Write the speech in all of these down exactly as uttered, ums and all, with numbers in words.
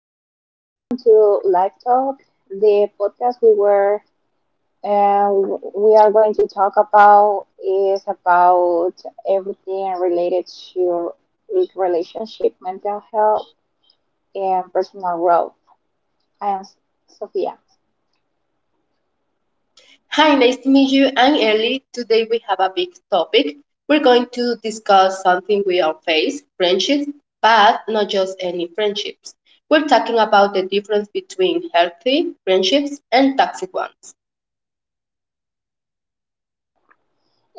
and welcome to Live Talk, the podcast we were uh, we are going to talk about is about everything related to relationship, mental health, and personal growth. I am Sophia. Hi, nice to meet you. I'm Ellie. Today we have a big topic. We're going to discuss something we all face, friendships, but not just any friendships. We're talking about the difference between healthy friendships and toxic ones.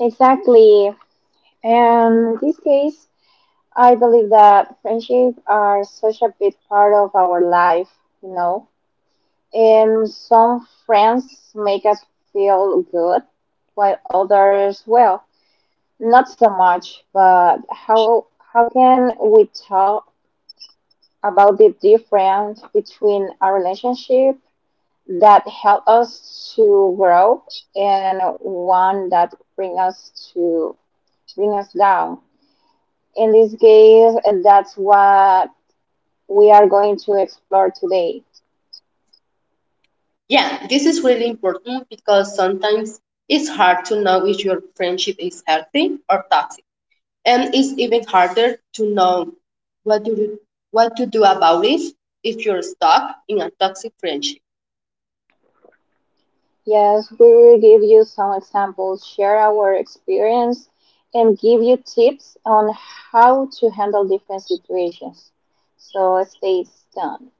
Exactly. And in this case, I believe that friendships are such a big part of our life, you know And some friends make us feel good, while others, well, not so much. But how how can we talk about the difference between a relationship that help us to grow and one that bring us to bring us down? In this case, that's what we are going to explore today. Yeah, this is really important because sometimes it's hard to know if your friendship is healthy or toxic. And it's even harder to know what to do, what to do about it if you're stuck in a toxic friendship. Yes, we will give you some examples, share our experience, and give you tips on how to handle different situations. So stay tuned.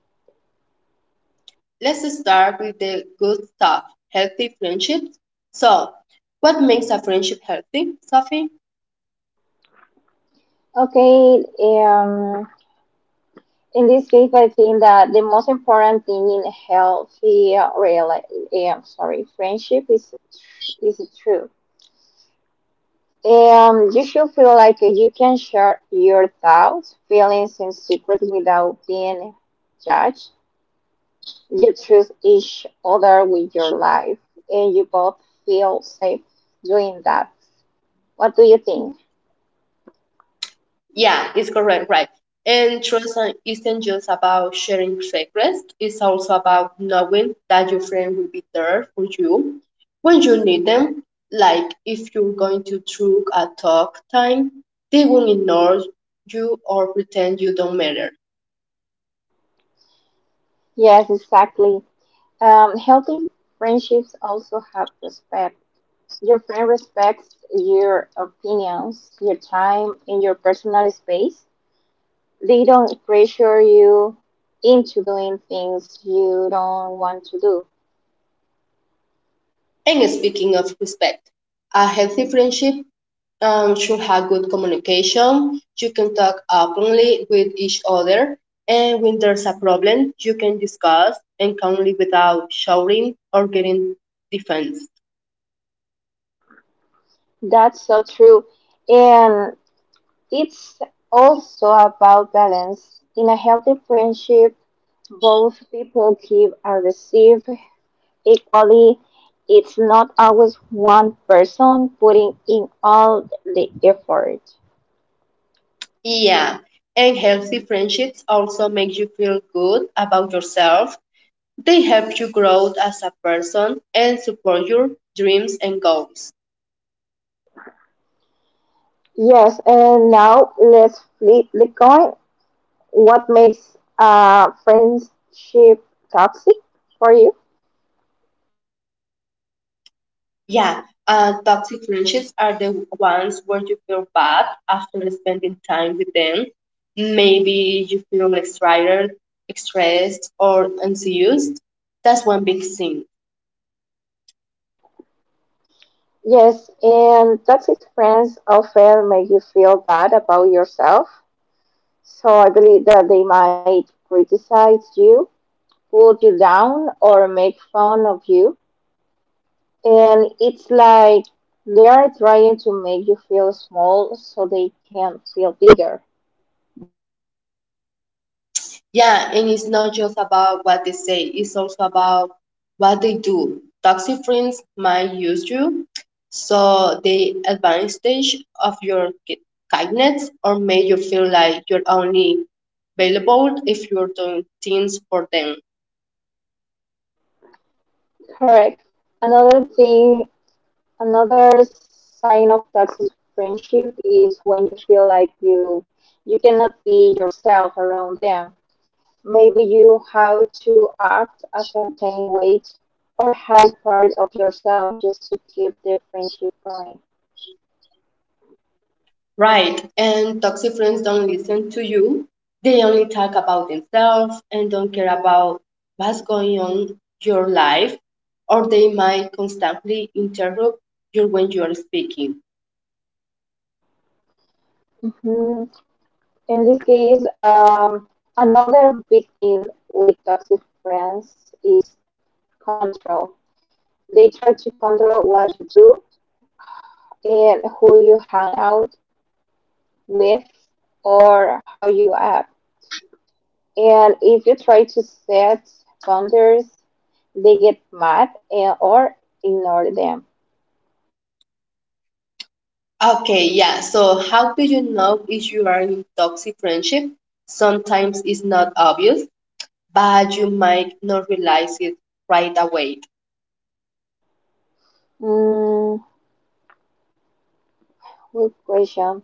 Let's start with the good stuff, healthy friendships. So what makes a friendship healthy, Sophie? Okay, um, in this case, I think that the most important thing in healthy uh, real, um, sorry, friendship is is true. Um, you should feel like you can share your thoughts, feelings, and secrets without being judged. You trust each other with your life, and you both feel safe doing that. What do you think? Yeah, it's correct, right. And trust and- isn't just about sharing secrets, it's also about knowing that your friend will be there for you when you need them. Like if you're going to through a talk time, they won't ignore you or pretend you don't matter. Yes, exactly. Um, healthy friendships also have respect. Your friend respects your opinions, your time, and your personal space. They don't pressure you into doing things you don't want to do. And speaking of respect, a healthy friendship um, should have good communication. You can talk openly with each other, and when there's a problem, you can discuss and calmly without shouting or getting defensive. That's so true. And it's also about balance. In a healthy friendship, both people give and receive equally. It's not always one person putting in all the effort. Yeah, and healthy friendships also make you feel good about yourself. They help you grow as a person and support your dreams and goals. Yes, and now let's flip the coin. What makes a friendship toxic for you? Yeah, uh, toxic friendships are the ones where you feel bad after spending time with them. Maybe you feel excited, stressed, or anxious. That's one big thing. Yes, and toxic friends often make you feel bad about yourself. So I believe that they might criticize you, put you down, or make fun of you. And it's like they are trying to make you feel small so they can feel bigger. Yeah, and it's not just about what they say, it's also about what they do. Toxic friends might use you, so they advantage of your ki- kindness or make you feel like you're only available if you're doing things for them. Correct. Another thing, another sign of toxic friendship is when you feel like you you cannot be yourself around them. Maybe you have to act a certain way or hide part of yourself just to keep the friendship going. Right. And toxic friends don't listen to you. They only talk about themselves and don't care about what's going on your life, or they might constantly interrupt you when you are speaking. Mhm. In this case, um, another big deal with toxic friends is control. They try to control what you do and who you hang out with or how you act. And if you try to set boundaries, they get mad and, or ignore them. Okay, yeah. So how do you know if you are in toxic friendship? Sometimes it's not obvious, but you might not realize it right away. Mm, good question.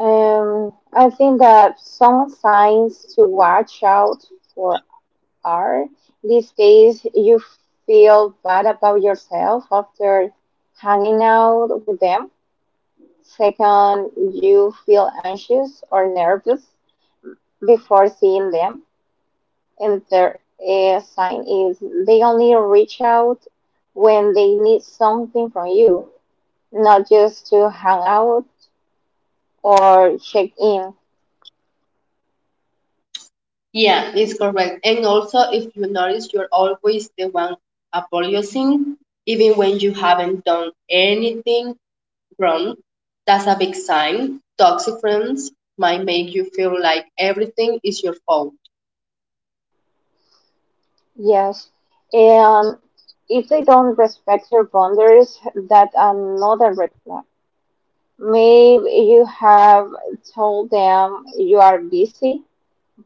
Um, I think that some signs to watch out for are these days you feel bad about yourself after hanging out with them. Second, you feel anxious or nervous before seeing them. And third uh, sign is they only reach out when they need something from you, not just to hang out or check in. Yeah, it's correct. And also, if you notice, you're always the one apologizing, even when you haven't done anything wrong. That's a big sign. Toxic friends might make you feel like everything is your fault. Yes. And if they don't respect your boundaries, that's another red flag. Maybe you have told them you are busy,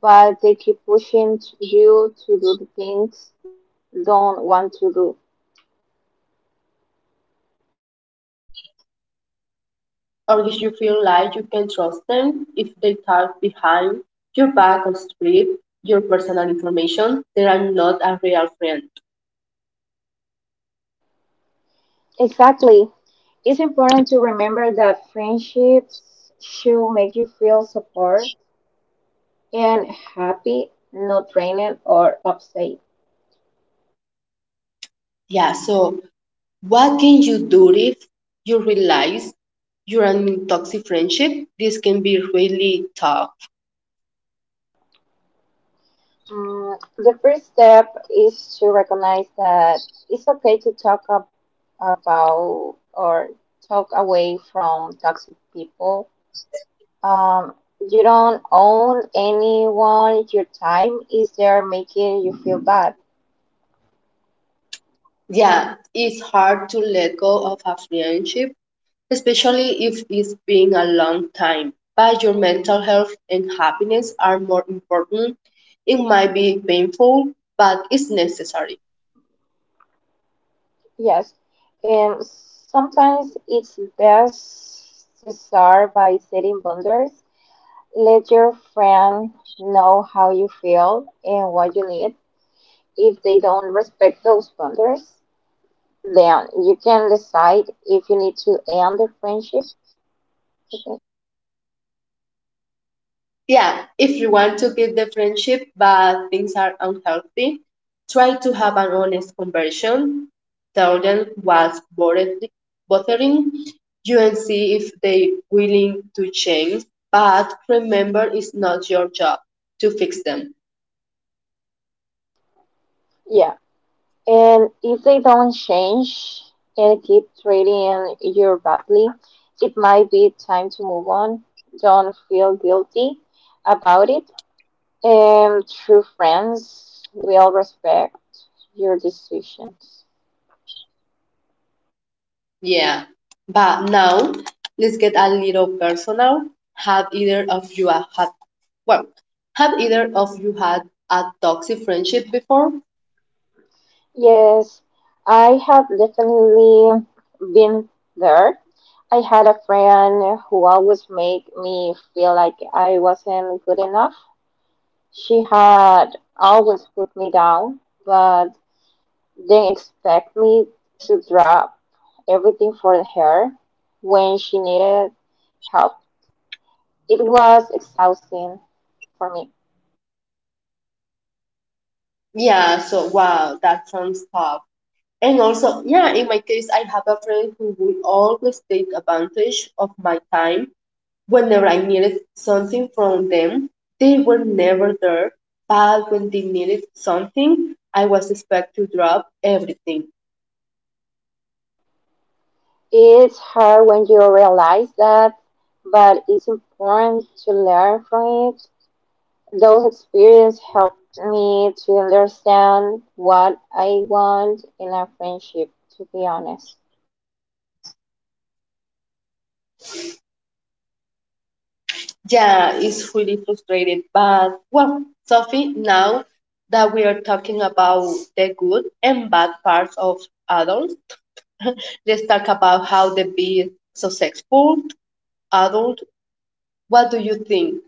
but they keep pushing t- you to do the things you don't want to do. Right, or if you feel like you can trust them, if they talk behind your back or strip your personal information, they are not a real friend. Exactly. It's important to remember that friendships should make you feel support and happy, not drained or upset. Yeah, so What can you do if you realize you're in toxic friendship? This can be really tough. Mm, the first step is to recognize that it's okay to talk ab- about or talk away from toxic people. um, you don't own anyone your time is there making you feel bad. Yeah, it's hard to let go of a friendship, especially if it's been a long time. But your mental health and happiness are more important. It might be painful, but it's necessary. Yes, and sometimes it's best to start by setting boundaries. Let your friend know how you feel and what you need. If they don't respect those boundaries, then you can decide if you need to end the friendship. Okay, Yeah, if you want to keep the friendship but things are unhealthy, try to have an honest conversation. Tell them what's bothered- bothering you and see if they're willing to change. But remember, it's not your job to fix them. yeah. And if they don't change and keep treating you badly, it might be time to move on. Don't feel guilty about it. And true friends will respect your decisions. Yeah, but now let's get a little personal. Have either of you a- had well have either of you had a toxic friendship before? Yes, I have definitely been there. I had a friend who always made me feel like I wasn't good enough. She had always put me down, but then expect me to drop everything for her when she needed help. It was exhausting for me. Yeah, so wow, that sounds tough. And also, yeah, in my case, I have a friend who would always take advantage of my time whenever I needed something from them. They were never there, but when they needed something, I was expected to drop everything. It's hard when you realize that, but it's important to learn from it. Those experiences helped me to understand what I want in a friendship, to be honest. Yeah, it's really frustrating, but well, Sophie, now that we are talking about the good and bad parts of adults, let's talk about how they be successful adult, what do you think?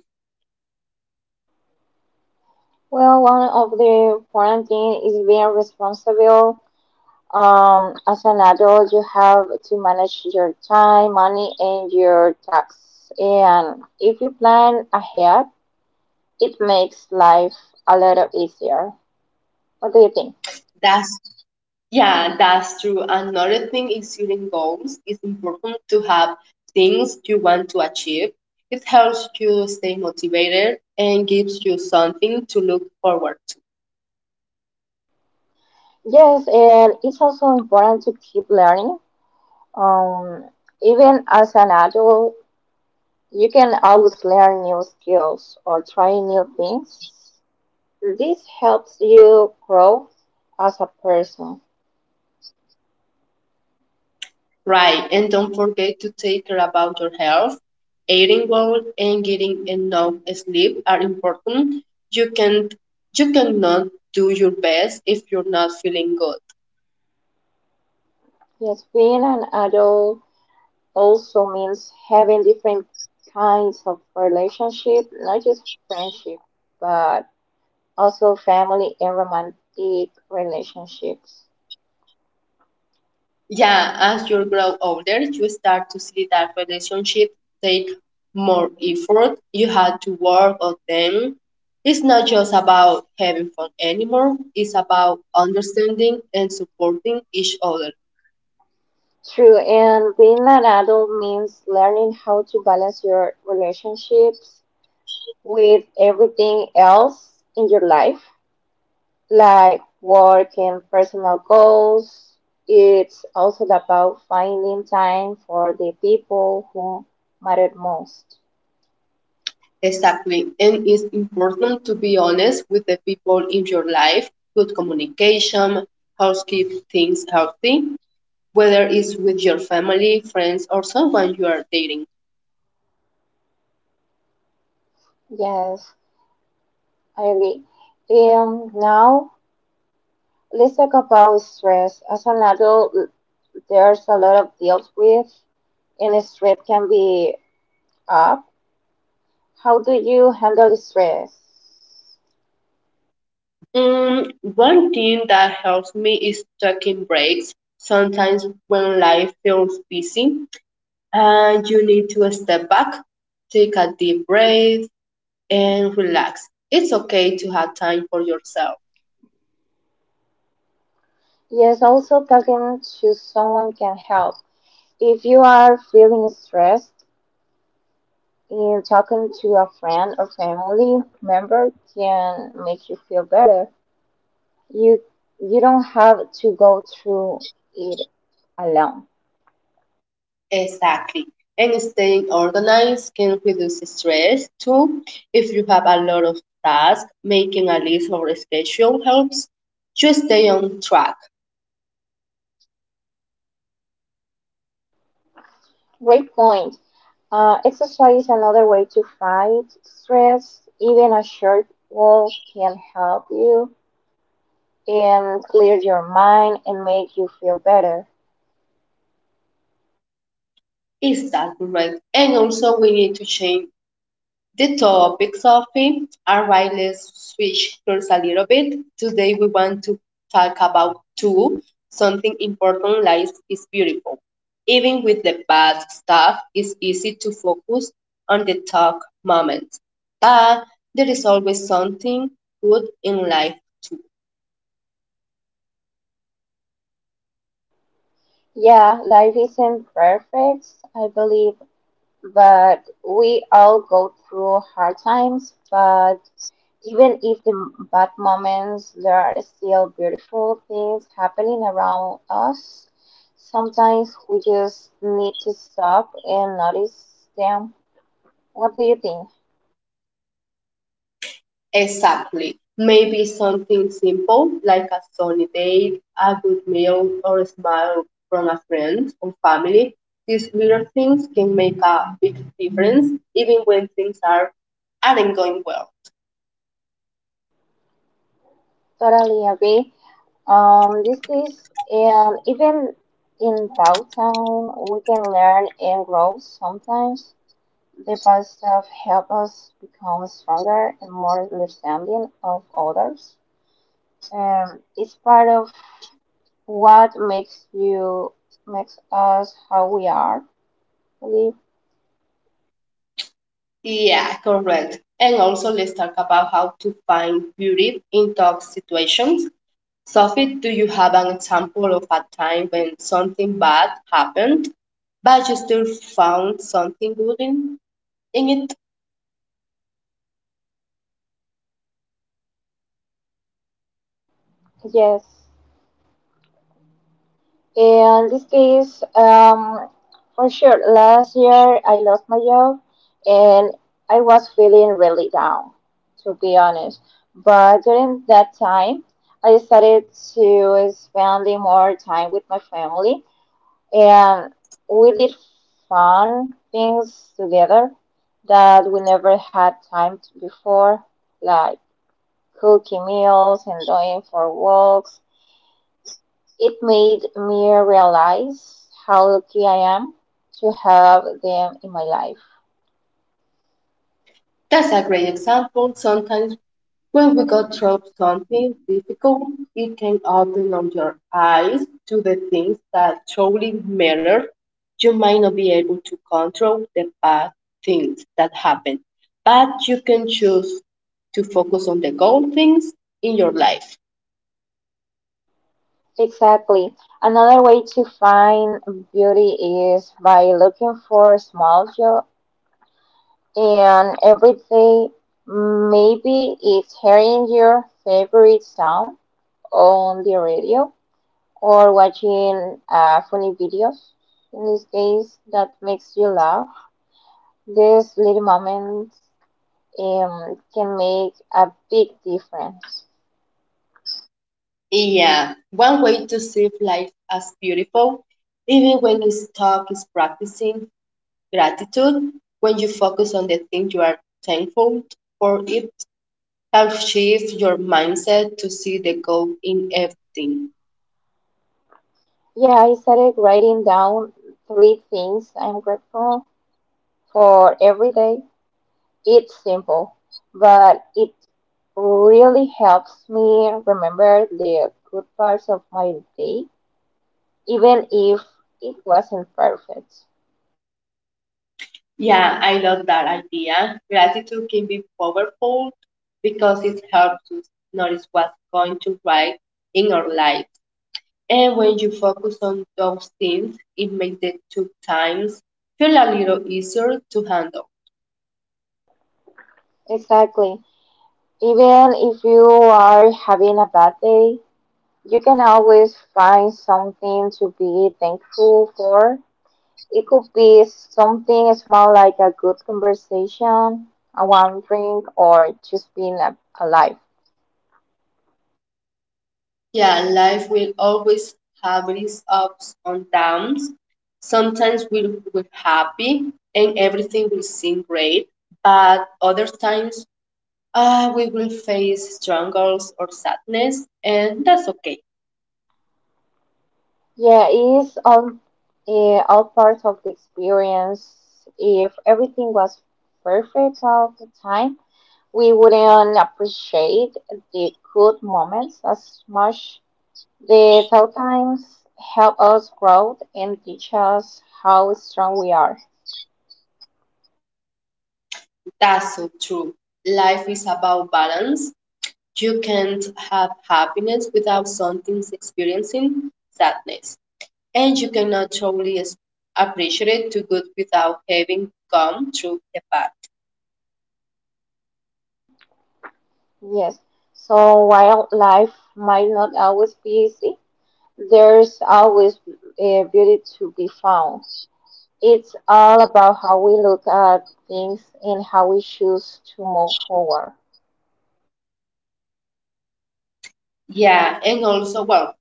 Well, one of the important things is being responsible. Um, as an adult, you have to manage your time, money, and your tax. And if you plan ahead, it makes life a little easier. What do you think? That's yeah, that's true. Another thing is setting goals. It's important to have things you want to achieve. It helps you stay motivated and gives you something to look forward to. Yes, and it's also important to keep learning. Um, even as an adult, you can always learn new skills or try new things. This helps you grow as a person. Right, and don't forget to take care about your health. Eating well and getting enough sleep are important. You can you cannot do your best if you're not feeling good. Yes, being an adult also means having different kinds of relationship, not just friendship, but also family and romantic relationships. Yeah, as you grow older, you start to see that relationships take more effort. You have to work on them. It's not just about having fun anymore. It's about understanding and supporting each other. True, and being an adult means learning how to balance your relationships with everything else in your life, like work and personal goals. It's also about finding time for the people who matter most. Exactly, and it's important to be honest with the people in your life. Good communication helps keep things healthy, whether it's with your family, friends, or someone you are dating. Yes, I agree. Um, now let's talk about stress. As an adult, there's a lot of deals with, and stress can be up. How do you handle stress? Mm, one thing that helps me is taking breaks. Sometimes when life feels busy and you need to step back, take a deep breath and relax. It's okay to have time for yourself. Yes, also talking to someone can help. If you are feeling stressed, in talking to a friend or family member can make you feel better. You you don't have to go through it alone. Exactly. And staying organized can reduce stress too. If you have a lot of tasks, making a list or a schedule helps you stay on track. Great point. Uh, exercise is another way to fight stress. Even a short walk can help you and clear your mind and make you feel better. Is that correct? And also we need to change the topics of it are right. Let's switch gears a little bit. Today we want to talk about two something important. Life is beautiful. Even with the bad stuff, it's easy to focus on the dark moments. But there is always something good in life too. Yeah, life isn't perfect, I believe, but we all go through hard times. But even if the m- bad moments, there are still beautiful things happening around us. Sometimes we just need to stop and notice them. What do you think? Exactly. Maybe something simple like a sunny day, a good meal, or a smile from a friend or family. These little things can make a big difference even when things are, aren't going well. Totally agree. Um, this is, and even in downtown, we can learn and grow sometimes. The past stuff help us become stronger and more understanding of others. Um, it's part of what makes you makes us how we are. Really. Yeah, correct. And also, let's talk about how to find beauty in tough situations. Sophie, do you have an example of a time when something bad happened, but you still found something good in, in it? Yes. And this case, um, for sure, last year I lost my job and I was feeling really down, to be honest. But during that time, I decided to spend more time with my family and we did fun things together that we never had time to before, like cooking meals and going for walks. It made me realize how lucky I am to have them in my life. That's a great example. Sometimes when we go through something difficult, you can open up your eyes to the things that truly matter. You might not be able to control the bad things that happen, but you can choose to focus on the good things in your life. Exactly. Another way to find beauty is by looking for small joy in everyday. Maybe it's hearing your favorite song on the radio or watching uh, funny videos. In this case, that makes you laugh. These little moments um, can make a big difference. Yeah, one way to see life as beautiful, even when it's stuck, is practicing Gratitude, When you focus on the thing you are thankful for, it helps shift your mindset to see the goal in everything. Yeah, I started writing down three things I'm grateful for every day. It's simple, but it really helps me remember the good parts of my day, even if it wasn't perfect. Yeah, I love that idea. Gratitude can be powerful because it helps us notice what's going to right in our life. And when you focus on those things, it makes the tough times feel a little easier to handle. Exactly. Even if you are having a bad day, you can always find something to be thankful for. It could be something small like a good conversation, a warm drink, or just being a- alive. Yeah, life will always have its ups and downs. Sometimes we'll, we're happy and everything will seem great, but other times uh, we will face struggles or sadness, and that's okay. Yeah, it is all, eh, all part of the experience. If everything was perfect all the time, we wouldn't appreciate the good moments as much. The tough times help us grow and teach us how strong we are. That's so true. Life is about balance. You can't have happiness without something experiencing sadness, and you cannot truly appreciate the good without having come through the bad. Yes. So while life might not always be easy, there's always uh, beauty to be found. It's all about how we look at things and how we choose to move forward. Yeah, and also, well,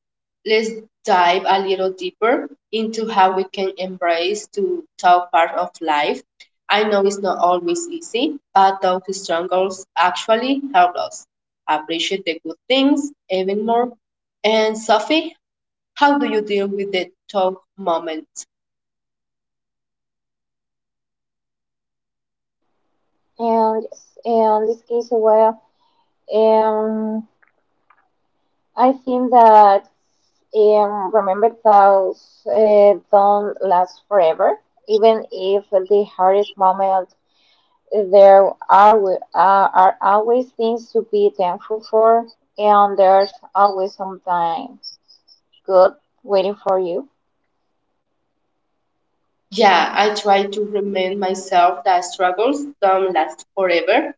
let's dive a little deeper into how we can embrace to tough part of life. I know it's not always easy, but those struggles actually help us appreciate the good things even more. And Sophie, how do you deal with the tough moments? And in this case, well, um, I think that um, remember thoughts uh, don't last forever. Even if the hardest moment, there are wi- uh, are always things to be thankful for, and there's always some time good, waiting for you. Yeah, I try to remind myself that struggles don't last forever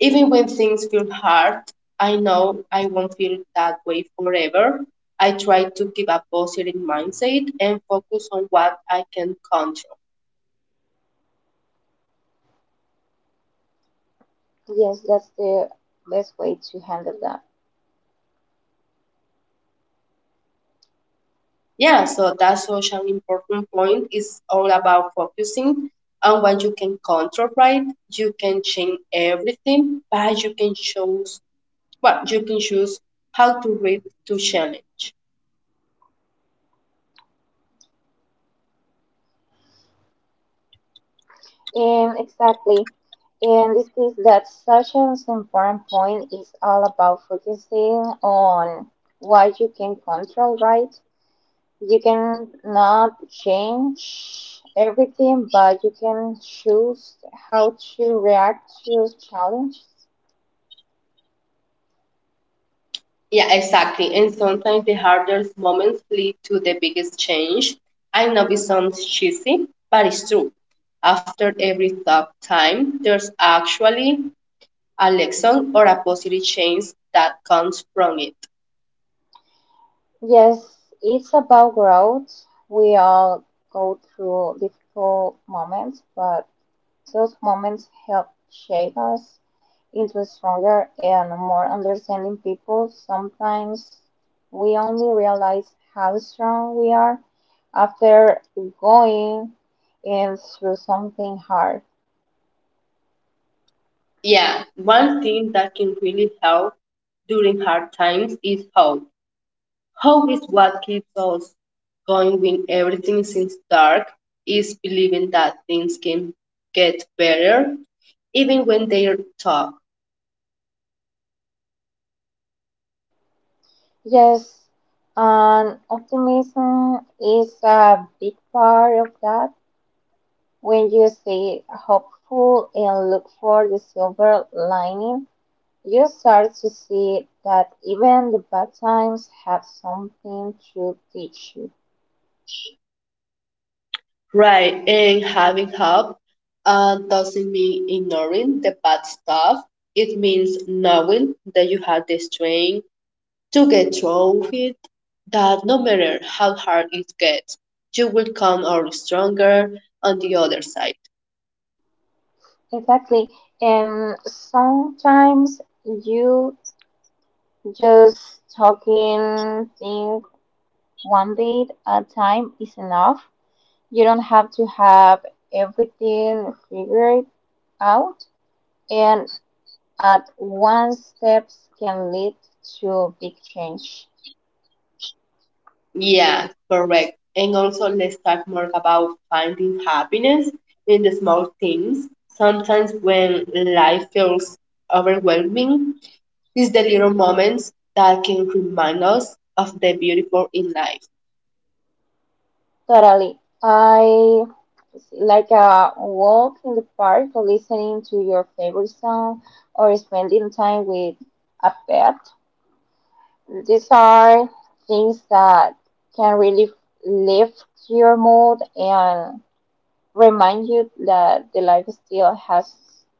Even when things feel hard, I know I won't feel that way forever. I try to keep a positive mindset and focus on what I can control. Yes, that's the best way to handle that. Yeah, so that's such an important point. It's all about focusing on what you can control, right? You can change everything, but you can choose well, you can choose how to read to challenge. And exactly. And this is that such an important point is all about focusing on what you can control, right? You can not change everything, but you can choose how to react to challenges. Yeah, exactly. And sometimes the hardest moments lead to the biggest change. I know it sounds cheesy, but it's true. After every tough time, there's actually a lesson or a positive change that comes from it. Yes, it's about growth. We all go through difficult moments, but those moments help shape us into stronger and more understanding people. Sometimes we only realize how strong we are after going in through something hard. Yeah, one thing that can really help during hard times is hope. Hope is what keeps us going when everything seems dark, is believing that things can get better even when they are tough. Yes, and optimism is a big part of that. When you stay hopeful and look for the silver lining, you start to see that even the bad times have something to teach you. Right, and having hope uh, doesn't mean ignoring the bad stuff. It means knowing that you have the strength to get through it, that no matter how hard it gets, you will come out stronger on the other side. Exactly. And sometimes you just talking thing one day at a time is enough. You don't have to have everything figured out. And at one steps can lead to big change. Yeah, correct. And also, let's talk more about finding happiness in the small things. Sometimes when life feels overwhelming, These the little moments that can remind us of the beautiful in life. Totally. I it's like a walk in the park, listening to your favorite song, or spending time with a pet. These are things that can really lift your mood and remind you that the life still has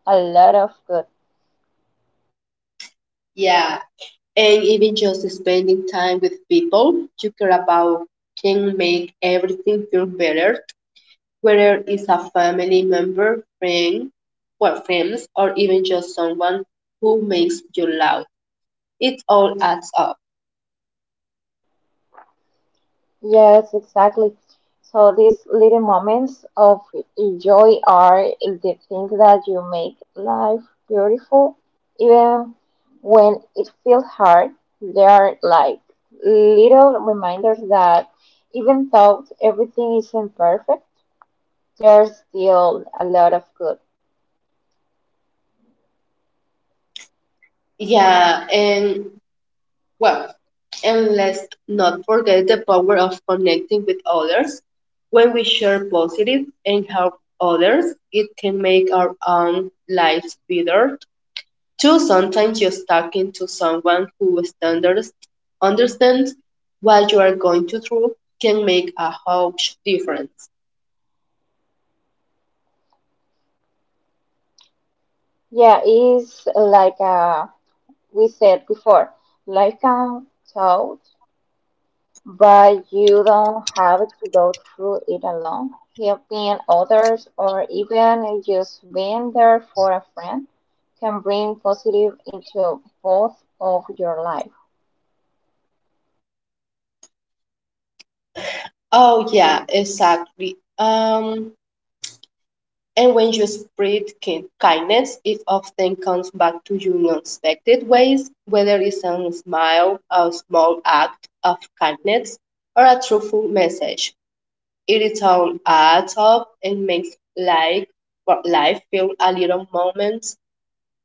a lot of good. Yeah, and even just spending time with people you care about can make everything feel better, whether it's a family member, friend, well, friends, or even just someone who makes you laugh. It all adds up. Yes, exactly. So these little moments of joy are the things that you make life beautiful, even when it feels hard. They are like little reminders that even though everything isn't perfect, there's still a lot of good. Yeah, and Well, and let's not forget the power of connecting with others. When we share positive and help others, it can make our own lives better too. Sometimes just talking to someone who standards, understands what you are going to through can make a huge difference. Yeah, it's like uh, we said before, life can. But you don't have to go through it alone. Helping others or even just being there for a friend can bring positive into both of your life. Oh yeah, exactly. Um, And when you spread kind kindness, it often comes back to you in unexpected ways, whether it's a smile, a small act of kindness, or a truthful message. It all adds up and makes life, well, life feel a little moments,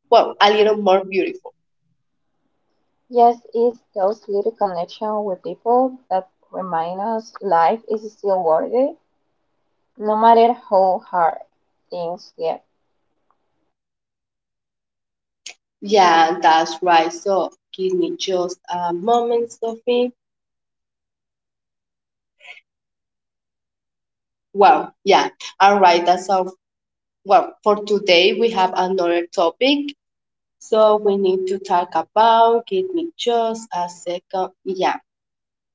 well, a little more beautiful. Yes, it's those little connections with people that remind us life is still worth it, no matter how hard things get. Yeah, that's right. So give me just a moment, Sophie. Well, yeah. All right, that's all. Well, for today we have another topic So we need to talk about, give me just a second. Yeah,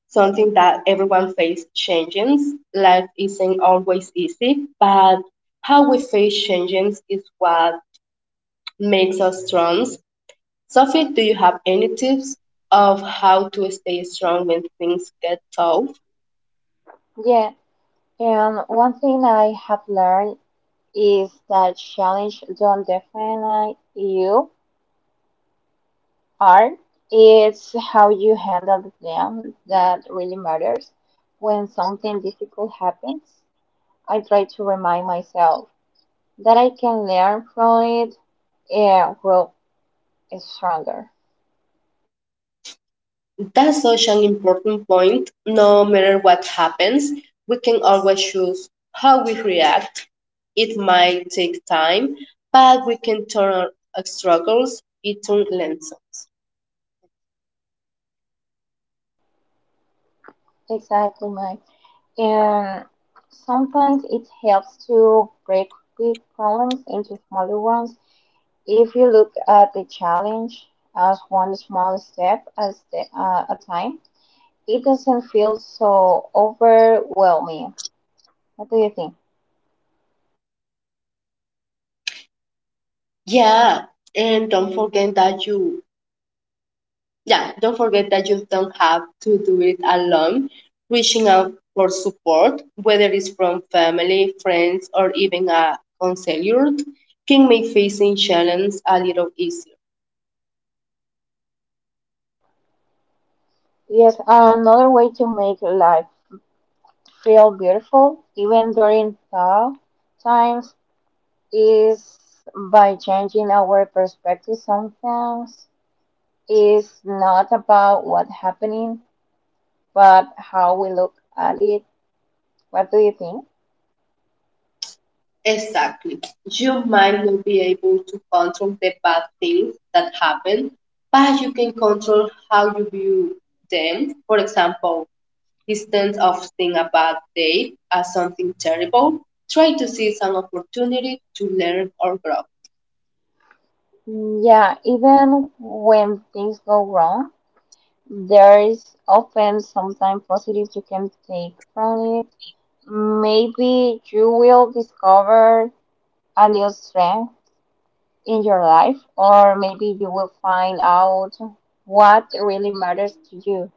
something that everyone faces changes. Life isn't always easy, but how we face changes is what makes us strong. Sophie, do you have any tips of how to stay strong when things get tough? Yeah, and one thing I have learned is that challenge don't define you art. It's how you handle them that really matters. When something difficult happens, I try to remind myself that I can learn from it and grow stronger. That's such an important point. No matter what happens, we can always choose how we react. It might take time, but we can turn our uh, struggles into lessons. Exactly, Mike. And sometimes it helps to break big problems into smaller ones. If you look at the challenge as one small step as the, uh, a time, it doesn't feel so overwhelming. What do you think? Yeah, and don't forget that you yeah, don't forget that you don't have to do it alone. Reaching out for support, whether it's from family, friends, or even a counselor, can make facing challenges a little easier. Yes, another way to make life feel beautiful, even during tough times, is by changing our perspective. Sometimes it's not about what's happening, but how we look at it. What do you think? Exactly. You might not be able to control the bad things that happen, but you can control how you view them. For example, instead of seeing a bad day as something terrible, try to see some opportunity to learn or grow. Mm, yeah, even when things go wrong, there is often something positive you can take from it. Maybe you will discover a new strength in your life, or maybe you will find out what really matters to you.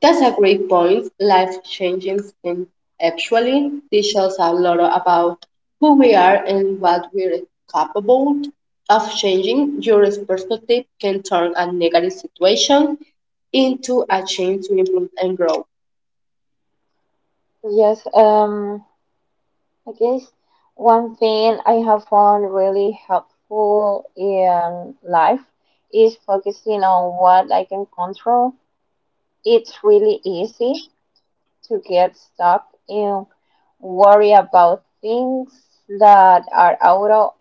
That's a great point. Life changing and actually teaches a lot about who we are and what we're capable of changing. Your perspective can turn a negative situation into a chance to improve and grow. Yes, um, I guess one thing I have found really helpful in life is focusing on what I can control. It's really easy to get stuck in worry about things that are out of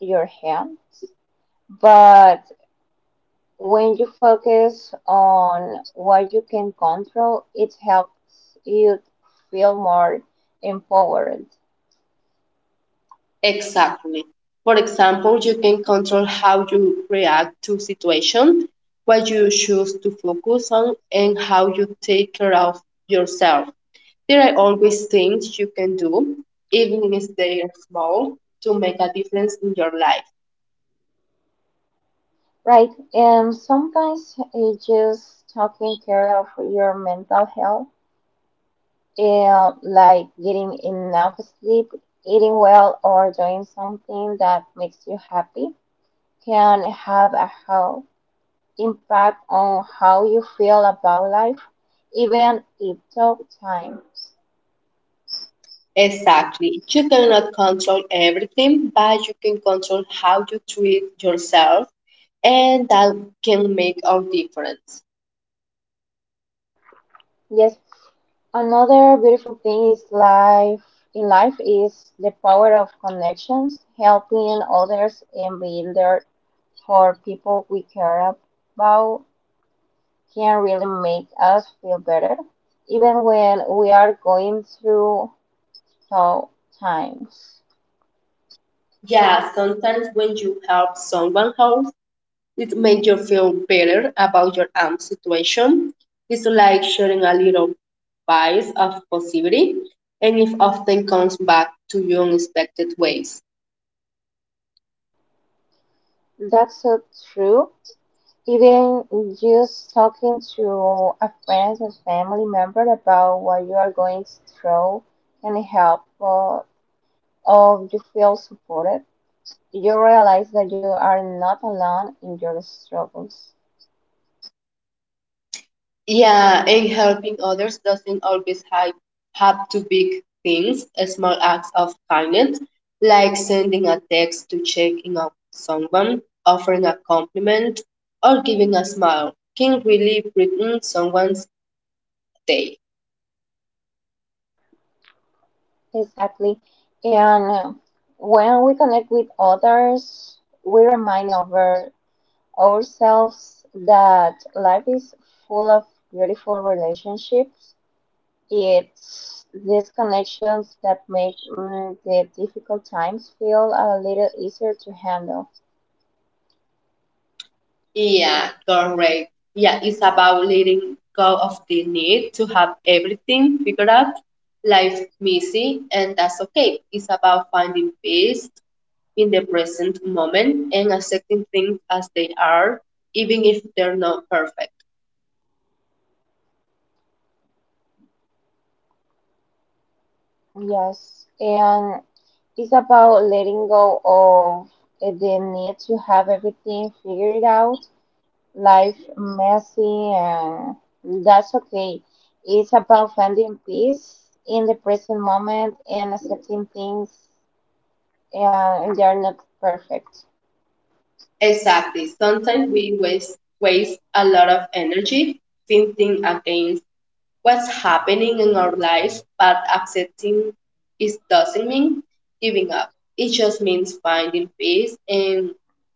your hands, but when you focus on what you can control, it helps you feel more empowered. Exactly. For example, you can control how you react to situation, what you choose to focus on, and how you take care of yourself. There are always things you can do, even if they are small, to make a difference in your life. Right, and sometimes it's just taking care of your mental health, and like getting enough sleep, eating well, or doing something that makes you happy can have a whole impact on how you feel about life, even in tough times. Exactly. You cannot control everything, but you can control how you treat yourself, and that can make all difference. Yes. Another beautiful thing is life in life is the power of connections, helping others and being there for people we care about can really make us feel better, even when we are going through tough times. Yeah, sometimes when you help someone else, it makes you feel better about your own situation. It's like sharing a little bias of positivity, and it often comes back to you in unexpected ways. That's so true. Even just talking to a friend or family member about what you are going through can help uh, or you feel supported, you realize that you are not alone in your struggles. Yeah, and helping others doesn't always have, have to big things. A small acts of kindness, like sending a text to checking on someone, offering a compliment, or giving a smile, can really brighten someone's day. Exactly. And uh, when we connect with others, we remind over ourselves that life is full of beautiful relationships. It's these connections that make mm, the difficult times feel a little easier to handle. Yeah, correct. Yeah, it's about letting go of the need to have everything figured out, life messy, and that's okay. It's about finding peace in the present moment and accepting things as they are, even if they're not perfect. Yes, and it is about letting go of uh, the need to have everything figured out, life messy, and that's okay. It's about finding peace in the present moment and accepting things and they are not perfect. Exactly. Sometimes we waste, waste a lot of energy thinking against what's happening in our lives, but accepting it doesn't mean giving up. It just means finding peace and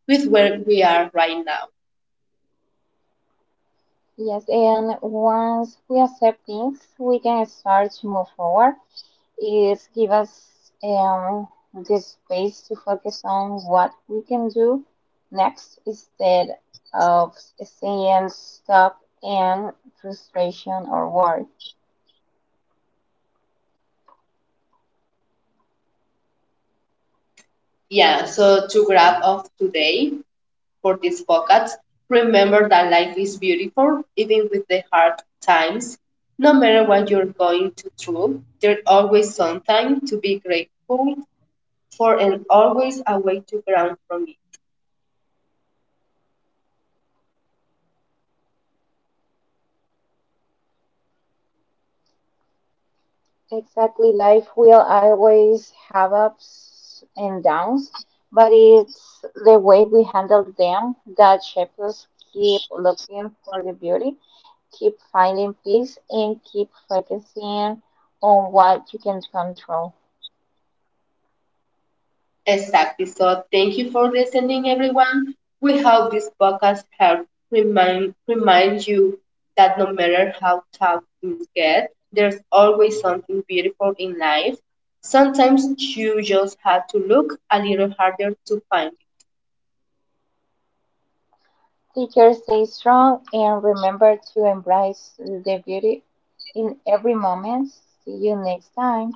with where we are right now. Yes, and once we accept things, we can start to move forward. Is give us um, the space to focus on what we can do next instead of saying stop and frustration or worry. Yeah, so to wrap up today, for these pockets. Remember that life is beautiful, even with the hard times. No matter what you're going to through, there's always some time to be grateful for and always a way to ground from it. Exactly, life will always have ups and downs, but it's the way we handle them that shapes us. Keep looking for the beauty, keep finding peace, and keep focusing on what you can control. Exactly. So thank you for listening, everyone. We hope this podcast helped remind remind you that no matter how tough things get, there's always something beautiful in life. Sometimes you just have to look a little harder to find. Teachers, stay strong and remember to embrace the beauty in every moment. See you next time.